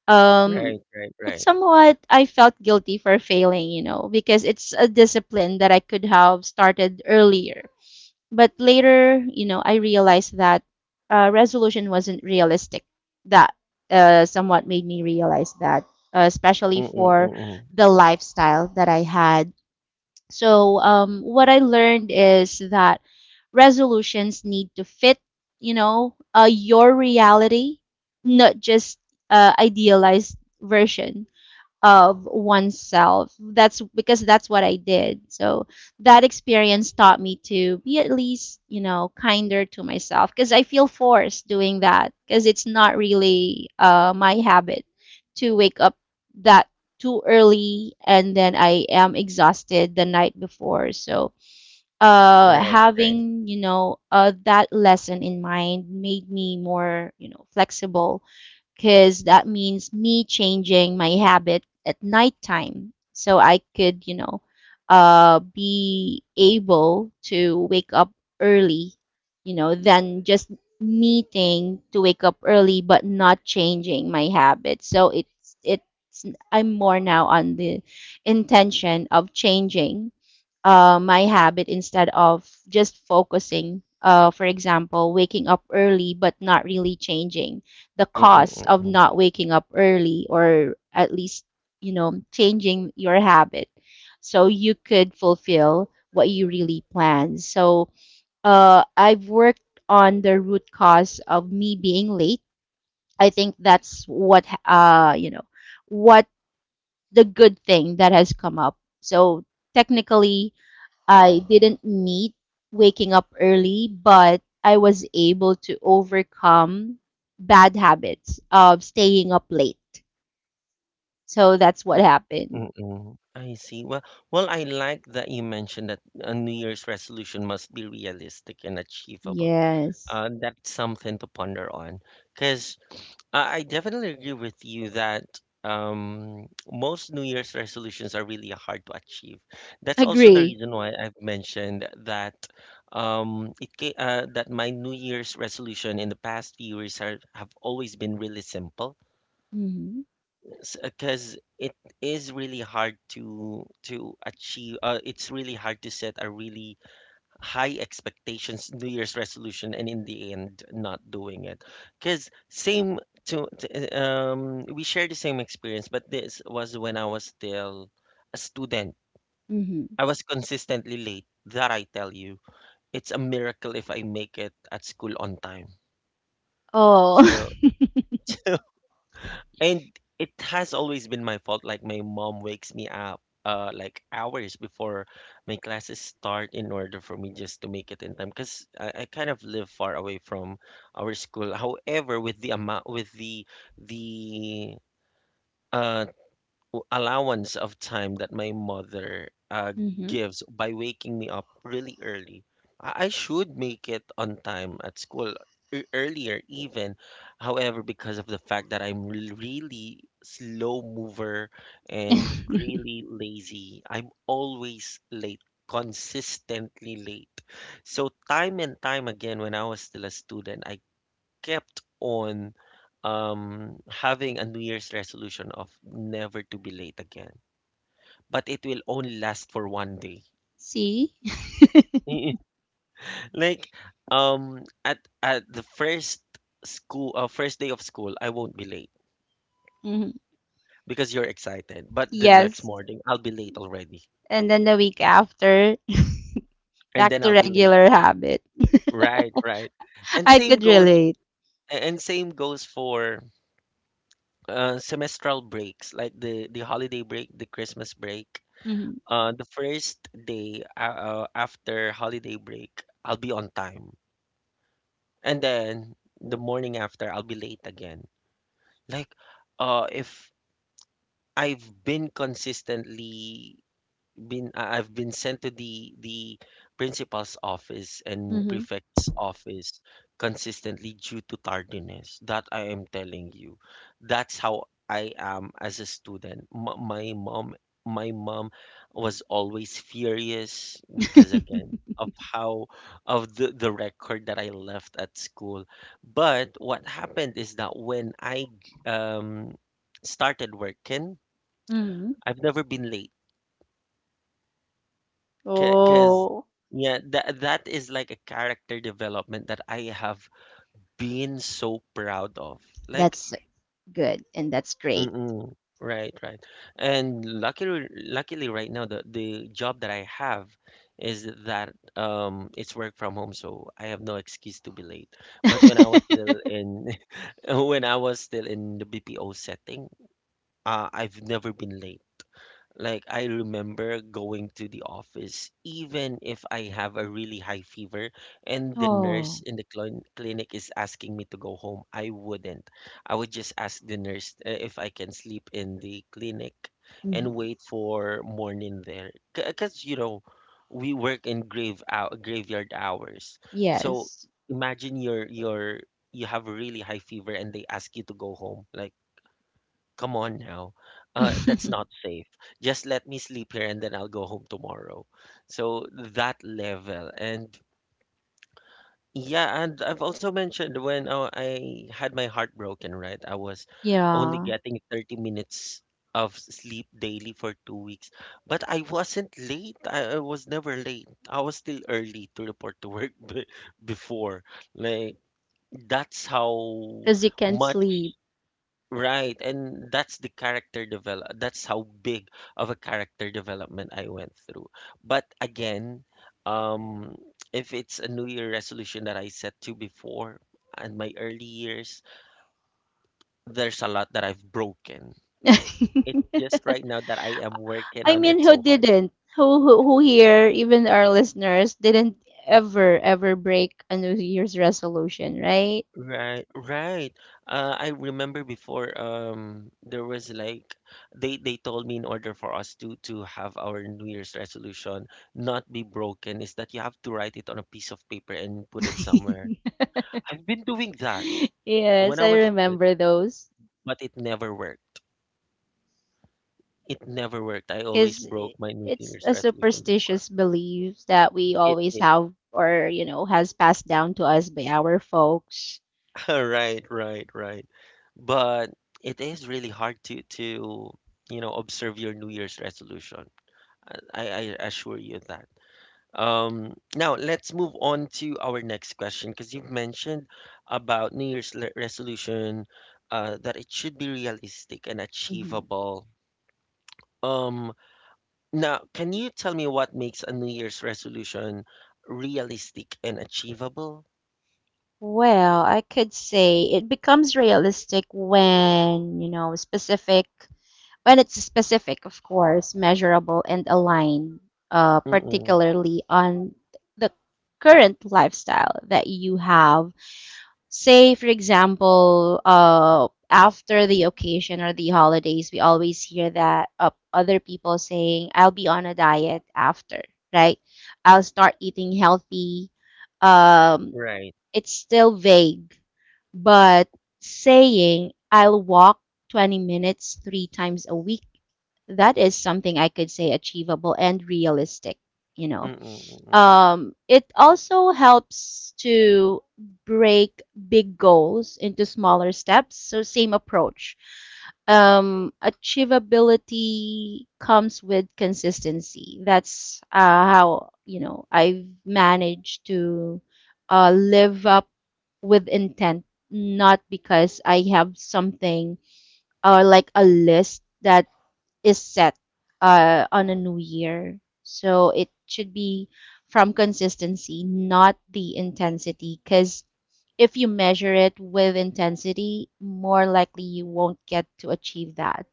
um,
Right, right,
but
right.
somewhat I felt guilty for failing, you know, because it's a discipline that I could have started earlier. But later, you know, I realized that uh, resolution wasn't realistic. That uh, somewhat made me realize that, uh, especially
Mm, mm,
for
mm, mm.
the lifestyle that I had. So um, what I learned is that resolutions need to fit, you know, uh, your reality, not just uh, idealized version of oneself. That's because that's what I did. So that experience taught me to be at least, you know, kinder to myself because I feel forced doing that because it's not really uh, my habit to wake up that too early and then I am exhausted the night before. So uh,
Right, right.
having, you know, uh, that lesson in mind made me more, you know, flexible because that means me changing my habit at nighttime so I could, you know, uh, be able to wake up early, you know, than just meeting to wake up early but not changing my habit. So it's it's I'm more now on the intention of changing uh, my habit instead of just focusing. Uh, for example, waking up early but not really changing the
Mm, mm,
cost
mm,
of
mm.
not waking up early or at least, you know, changing your habit so you could fulfill what you really plan. So uh, I've worked on the root cause of me being late. I think that's what, uh, you know, what the good thing that has come up. So technically, I didn't meet waking up early, but I was able to overcome bad habits of staying up late. So that's what
R-
happened.
Mm, mm. I see. Well, well, I like that you mentioned that a New Year's resolution must be realistic and achievable.
Yes.
Uh, that's something to ponder on, because I I definitely agree with you that um, most New Year's resolutions are really hard to achieve. That's also the
Agree.
reason why I've mentioned that um, it ca- uh, that my New Year's resolution in the past few years have, have always been really simple
Mm-hmm.
because it is really hard to to achieve. Uh, it's really hard to set a really high expectations New Year's resolution and in the end not doing it because same to, to- um we share the same experience, but this was when I was still a student.
Mm-hmm.
I was consistently late, that I tell you. It's a miracle if I make it at school on time.
Oh.
So *laughs* And it has always been my fault. Like, my mom wakes me up uh like hours before my classes start in order for me just to make it in time, because I, I kind of live far away from our school. However, with the amount, with the the uh allowance of time that my mother uh,
*laughs* Mm-hmm.
gives by waking me up really early, I I should make it on time at school, e- earlier even. However, because of the fact that I'm re- really slow mover and
*laughs*
really lazy, I'm always late, consistently late. So time and time again when I was still a student, I kept on um, having a New Year's resolution of never to be late again. But it will only last for one day.
See?
*laughs* Like, um at at the first school uh, first day of school I won't be late
Hmm.
because you're excited, but the next
Yes.
morning I'll be late already,
And then the week after, *laughs*
and
back
then
to
I'll be late
regular
again.
habit. *laughs*
Right, right. and
I
same
could
goes
relate.
and same goes for uh, semestral breaks, like the the holiday break, the Christmas break.
Hmm.
Uh, the first day uh, uh, after holiday break, I'll be on time. And then the morning after, I'll be late again. Like, uh, if I've been consistently been I- I've been sent to the the principal's office and
Hmm.
prefect's office consistently due to tardiness. That I am telling you. That's how I am as a student. M- my mom my mom was always furious because again
*laughs*
of how of the, the record that I left at school. But what happened is that when I um started working,
Hmm.
I've never been late. Because,
Oh.
yeah, that that is like a character development that I have been so proud of. Like,
That's good and that's great.
mm-mm, right, right. And luckily, luckily, right now the the job that I have is that um, it's work from home, so I have no excuse to be late. But when I was
*laughs*
still in *laughs* when I was still in the B P O setting, uh, I've never been late. Like, I remember going to the office, even if I have a really high fever and the nurse
Oh,
in the clin clinic is asking me to go home, I wouldn't. I would just ask the nurse uh, if I can sleep in the clinic
mhm.
and wait for morning there. Because, you know, we work in grave out graveyard hours. So
Yes.
imagine you're you're you have a really high fever and they ask you to go home. Like, come on now. Uh, that's not
*laughs*
safe. Just let me sleep here and then I'll go home tomorrow. So that level. And yeah, and I've also mentioned when uh, I had my heart broken, right? I was only
Yeah,
getting thirty minutes of sleep daily for two weeks. But I wasn't late. I, I was never late. I was still early to report to work *laughs* b before. Like, that's how
because you can't
much.
sleep.
Right, and that's the character develop. That's how big of a character development I went through. But again, um, if it's a New Year resolution that I set to before and my early years, there's a lot that I've broken.
*laughs*
It's just right now that I am working
I
on
mean,
it
who
so hard.
didn't? Who, who who here, even our listeners, didn't ever ever break a New Year's resolution, right?
Right, right. Uh, I remember before um there was like they they told me in order for us to to have our New Year's resolution not be broken is that you have to write it on a piece of paper and put it somewhere.
*laughs*
I've been doing that when
Yes,
I
I
was a kid,
remember those
but it never worked. It never worked. I always
because
broke my New
it's
Year's
a
resolution before.
superstitious belief that we
It,
always
it
have or you know has passed down to us by our folks.
*laughs* right, right, right. But it is really hard to to you know observe your New Year's resolution. I, I assure you of that. Um, now let's move on to our next question because you've mentioned about New Year's le- resolution, uh, that it should be realistic and achievable. Um, now, can you tell me what makes a New Year's resolution realistic and achievable?
Well, I could say it becomes realistic when, you know, specific, when it's specific, of course, measurable and aligned, uh,
Mm-mm,
particularly on the current lifestyle that you have. Say, for example, uh, after the occasion or the holidays, we always hear that uh, other people saying, I'll be on a diet after, right? I'll start eating healthy. Um,
right.
it's still vague, but saying I'll walk twenty minutes three times a week, that is something I could say achievable and realistic, you know.
Mm-mm, mm-mm,
Um, it also helps to break big goals into smaller steps, so same approach. Um, achievability comes with consistency. That's uh, how, you know, I've managed to uh, live up with intent, not because I have something or like a list that is set uh, on a new year. So it should be from consistency, not the intensity. Because if you measure it with intensity, more likely you won't get to achieve that.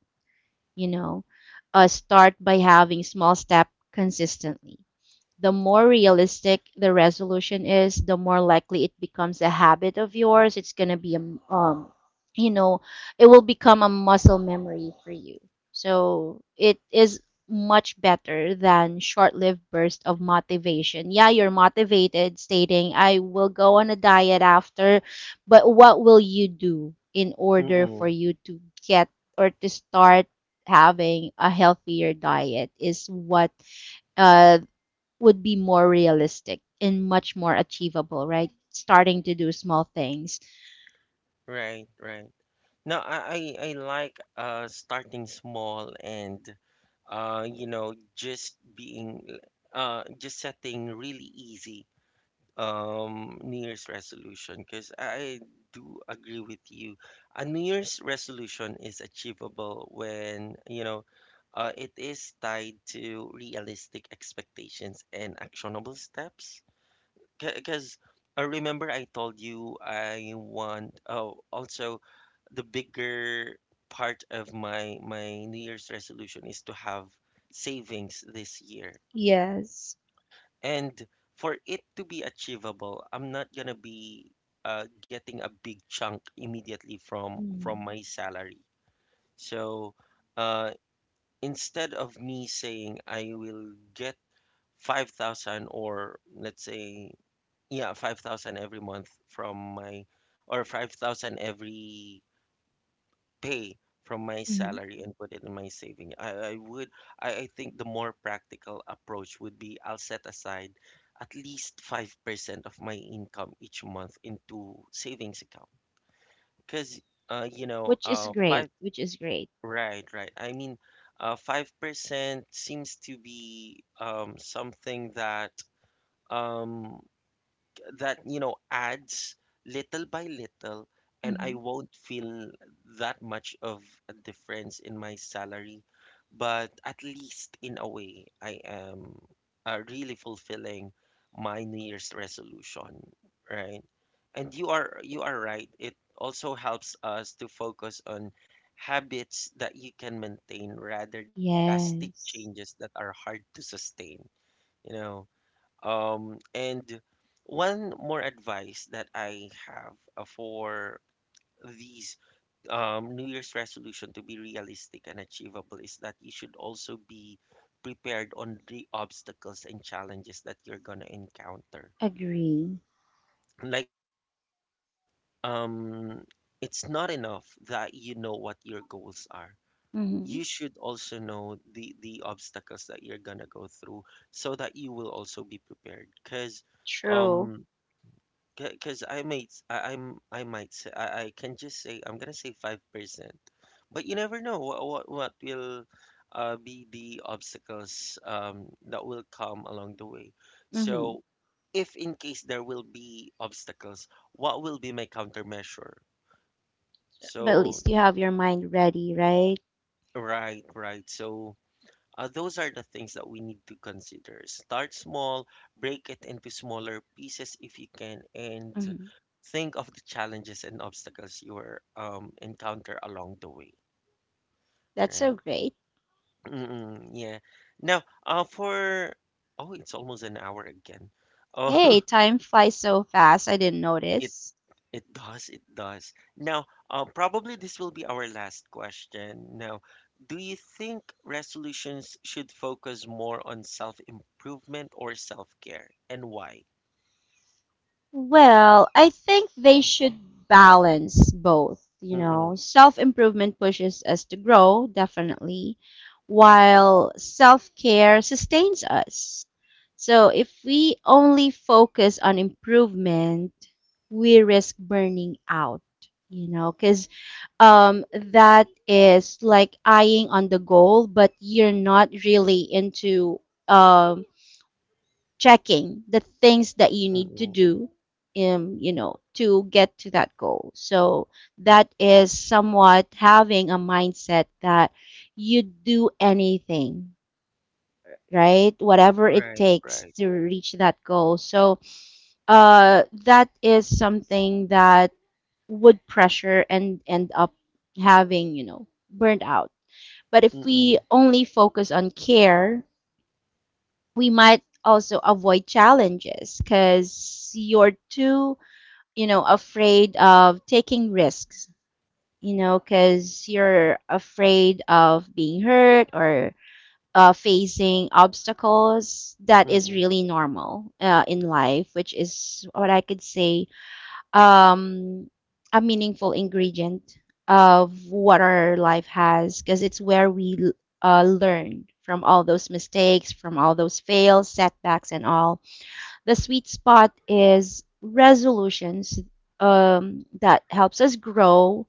You know, uh, start by having small step consistently the more realistic the resolution is, the more likely it becomes a habit of yours. It's going to be a, m- um, you know, it will become a muscle memory for you. So it is much better than short-lived burst of motivation. Yeah, you're motivated stating I will go on a diet after, but what will you do in order for
mm-mm,
you to get or to start having a healthier diet is what uh, would be more realistic and much more achievable, right? Starting to do small things.
right, right. No, I, I I like uh, starting small and uh you know just being uh, just setting really easy um, New Year's resolution, because I do agree with you. A New Year's resolution is achievable when, you know, uh, it is tied to realistic expectations and actionable steps. Because I remember I told you I want, oh, also the bigger part of my my New Year's resolution is to have savings this year.
Yes.
And for it to be achievable, I'm not gonna be uh, getting a big chunk immediately from from
Mm-hmm.
my salary. So uh, instead of me saying I will get five thousand, or let's say yeah, five thousand every month from my, or five thousand every pay from my salary and put it in my saving. I, I would, I, I think the more practical approach would be I'll set aside at least five percent of my income each month into savings account. Because, uh, you know,
Which is
uh, five,
great. Which is great.
right, right. I mean, uh, five percent seems to be um, something that, um, that you know adds little by little, and I
Hmm.
won't feel that much of a difference in my salary, but at least in a way I am uh, really fulfilling my New Year's resolution, right? And you are you are right, it also helps us to focus on habits that you can maintain rather than drastic
Yes.
changes that are hard to sustain, you know. Um, and one more advice that I have uh, for these um, New Year's resolution to be realistic and achievable is that you should also be prepared on the obstacles and challenges that you're gonna encounter.
Agree.
Like, it's not um, it's not enough that you know what your goals are. You
Hmm.
should also know the the obstacles that you're gonna go through so that you will also be prepared. Because
True.
um, because I might, s- I, am I might say, I, I can just say, I'm gonna say five percent. But you never know what, what, what will uh, be the obstacles um, that will come along the way.
Hmm.
So, if in case there will be obstacles, what will be my countermeasure?
But at
So,
least you have your mind ready, right?
right, right. So, uh, those are the things that we need to consider. Start small, break it into smaller pieces if you can, and
Hmm.
think of the challenges and obstacles you will um, encounter along the way,
That's so
right?
great.
Mm-mm, yeah. Now, uh, for oh, it's almost an hour again.
Hey,
Oh,
time flies so fast. I didn't
*laughs* it
notice.
it does, it does. Now, uh, probably this will be our last question. Now, do you think resolutions should focus more on self-improvement or self-care, and why?
Well, I think they should balance both, you know.
Mm-mm,
Self-improvement pushes us to grow, definitely, while self-care sustains us. So if we only focus on improvement, we risk burning out, you know, because um, that is like eyeing on the goal, but you're not really into um, checking the things that you need to
mm-mm.
do um, you know to get to that goal. So that is somewhat having a mindset that you do anything right whatever it
Right,
takes
right.
to reach that goal. So uh, that is something that would pressure and end up having you know burnt out. But if we
Mm-mm,
only focus on care we might also avoid challenges because you're too, you know, afraid of taking risks, you know, because you're afraid of being hurt or uh, facing obstacles. That is
mm-mm.
really normal uh, in life, which is what I could say um, a meaningful ingredient of what our life has because it's where we l- uh, learn from all those mistakes, from all those fails, setbacks, and all. The sweet spot is resolutions um, that helps us grow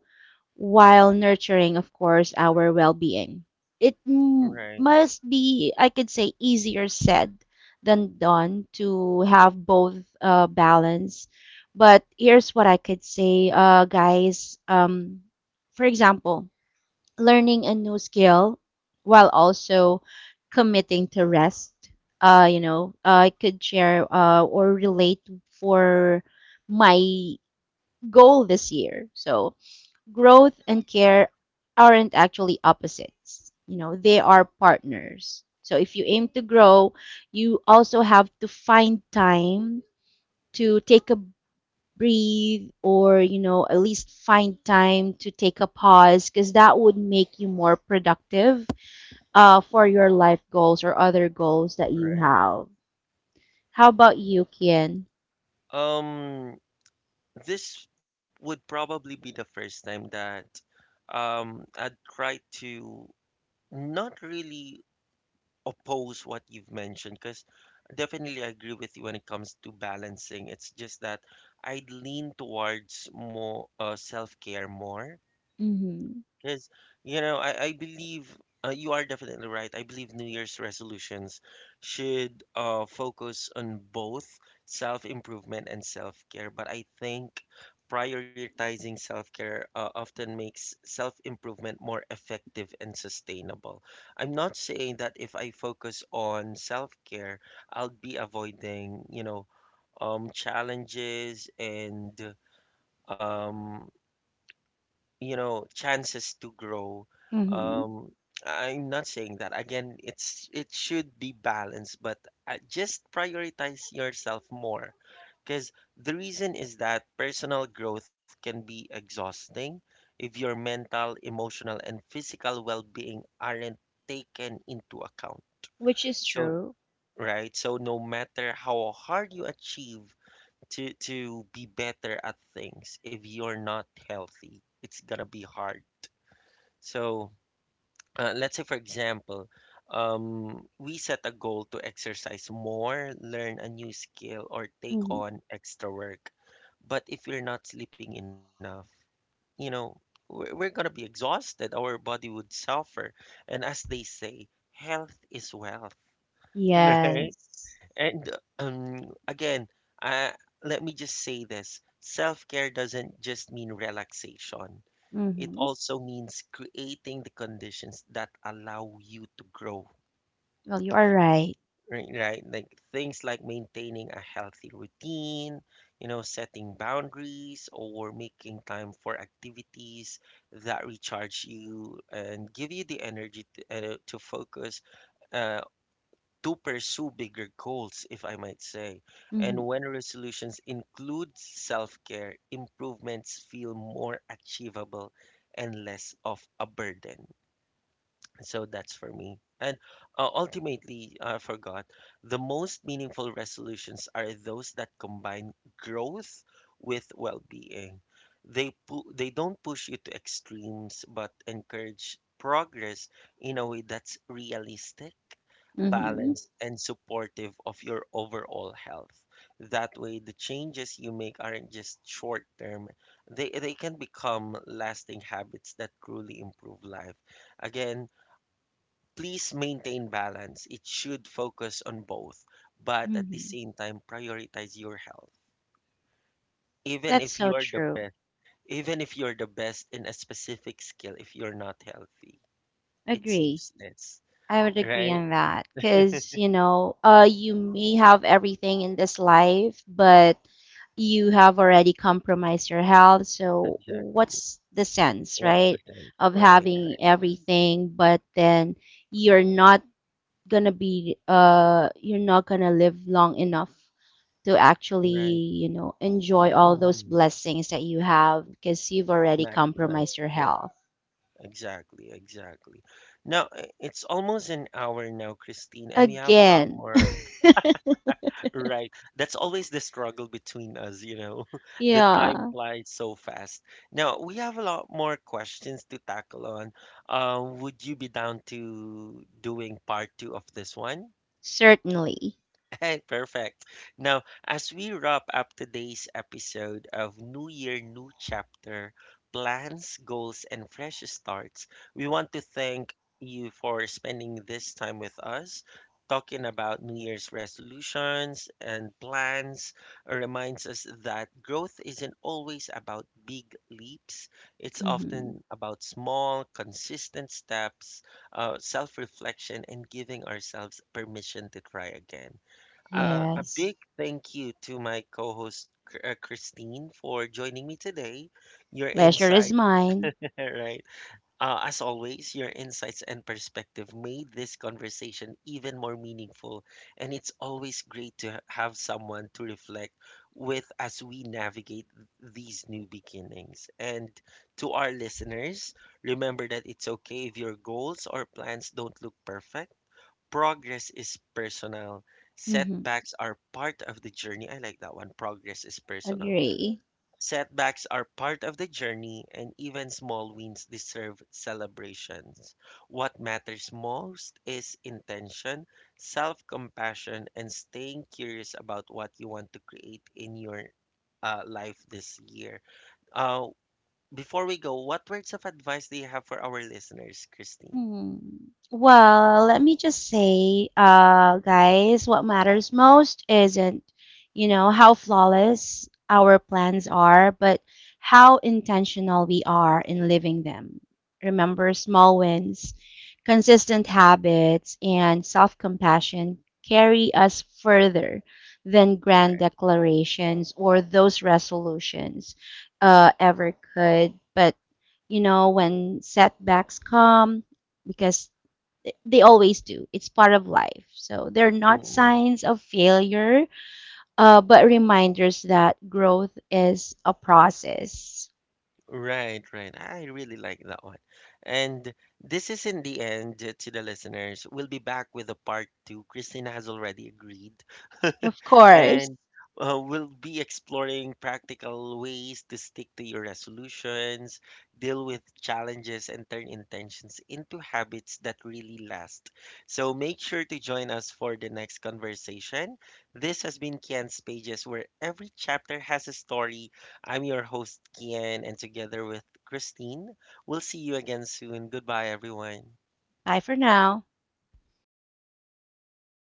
while nurturing, of course, our well being. It m-
Right,
must be, I could say, easier said than done to have both uh, balance. But here's what I could say, uh, guys. Um, for example, learning a new skill while also committing to rest. Uh, you know, I could share uh, or relate for my goal this year. So growth and care aren't actually opposites. You know, they are partners. So if you aim to grow, you also have to find time to take a breathe or, you know, at least find time to take a pause because that would make you more productive uh, for your life goals or other goals that you
right.
have. How about you, Kian?
Um, this would probably be the first time that um I'd try to not really oppose what you've mentioned, because definitely I agree with you when it comes to balancing. It's just that I'd lean towards more uh, self-care more
Mm-hmm.
because, you know, I, I believe uh, you are definitely right. I believe New Year's resolutions should uh, focus on both self-improvement and self-care. But I think prioritizing self-care uh, often makes self-improvement more effective and sustainable. I'm not saying that if I focus on self-care, I'll be avoiding, you know, um, challenges and um you know, chances to grow.
Mm-hmm.
Um, I'm not saying that. Again, it's it should be balanced, but uh, just prioritize yourself more. Because the reason is that personal growth can be exhausting if your mental, emotional, and physical well-being aren't taken into account.
Which is
So,
true.
right? So no matter how hard you achieve to to be better at things, if you're not healthy, it's gonna be hard, so uh, let's say, for example, um, we set a goal to exercise more, learn a new skill, or take
Mm-hmm.
on extra work. But if we're not sleeping enough, you know, we're, we're going to be exhausted. Our body would suffer. And as they say, health is wealth, *laughs* right?
Yes.
And um, again, uh, let me just say this. Self-care doesn't just mean relaxation. It
Mm-hmm.
also means creating the conditions that allow you to grow,
Well, you are right.
right? Right? Like things like maintaining a healthy routine, you know, setting boundaries or making time for activities that recharge you and give you the energy to, uh, to focus uh, to pursue bigger goals, if I might say.
Hmm.
And when resolutions include self care, improvements feel more achievable and less of a burden. So that's for me. And uh, ultimately, I forgot, the most meaningful resolutions are those that combine growth with well-being. They pu- they don't push you to extremes, but encourage progress in a way that's realistic,
Hmm.
balanced, and supportive of your overall health. That way, the changes you make aren't just short-term. They they can become lasting habits that truly improve life. Again, please maintain balance. It should focus on both, but at the
Hmm.
same time prioritize your health. Even
That's
if
so
you're the
true.
best, even if you're the best in a specific skill, if you're not healthy, it's
Agree.
useless,
I would agree
right?
on that because, you know, uh, you may have everything in this life, but you have already compromised your health. So,
Exactly.
what's the sense,
What's the
right,
sense?
of
Right, right,
having everything, but then you're not gonna be, uh, you're not gonna live long enough to
right.
actually, you know, enjoy all those
mm
blessings that you have because you've already
Maximize.
compromised your
Yes,
health.
exactly, exactly. Now, i- it's almost an hour now, Christine, and we have a lot
Again.
more. Right. That's always the struggle between us, you know. *laughs*
*laughs*
The time
Yeah,
flies so fast. Now, we have a lot more questions to tackle on. Um, would you be down to doing part two of this one?
certainly.
*laughs* Hey, perfect. Now, as we wrap up today's episode of New Year, New Chapter, Plans, Goals, and Fresh Starts, we want to thank you for spending this time with us. Talking about New Year's resolutions and plans reminds us that growth isn't always about big leaps. It's
Hmm.
often about small, consistent steps, uh, self reflection, and giving ourselves permission to try again. Uh, a big
Yes.
thank you to my co host, uh, Christine, for joining me today. Your
Pleasure
insight,
is mine.
*laughs* right? Uh, as always, your insights and perspective made this conversation even more meaningful. And it's always great to ha- have someone to reflect with as we navigate these new beginnings. And to our listeners, remember that it's okay if your goals or plans don't look perfect. Progress is personal.
Hmm.
Setbacks are part of the journey. I like that one. Progress is personal.
Agree.
Setbacks are part of the journey, and even small wins deserve celebrations. What matters most is intention, self compassion, and staying curious about what you want to create in your uh, life this year. Uh, Before we go, what words of advice do you have for our listeners, Christine?
Hmm. Well, let me just say, uh, guys, what matters most isn't, you know, how flawless our plans are, but how intentional we are in living them. Remember, small wins, consistent habits, and self-compassion carry us further than grand declarations or those resolutions, uh, ever could. But you know, when setbacks come, because th- they always do. It's part of life. So they're not
Right.
signs of failure, uh, but reminders that growth is a process.
Right, right. I really like that one. And this is in the end, uh, to the listeners, we'll be back with a part two. Christina has already agreed. *laughs*
Of
And
course.
uh, we'll be exploring practical ways to stick to your resolutions, deal with challenges, and turn intentions into habits that really last. So make sure to join us for the next conversation. This has been Kian's Pages, where every chapter has a story. I'm your host, Kian, and together with Christine, we'll see you again soon. Goodbye, everyone.
Bye for now.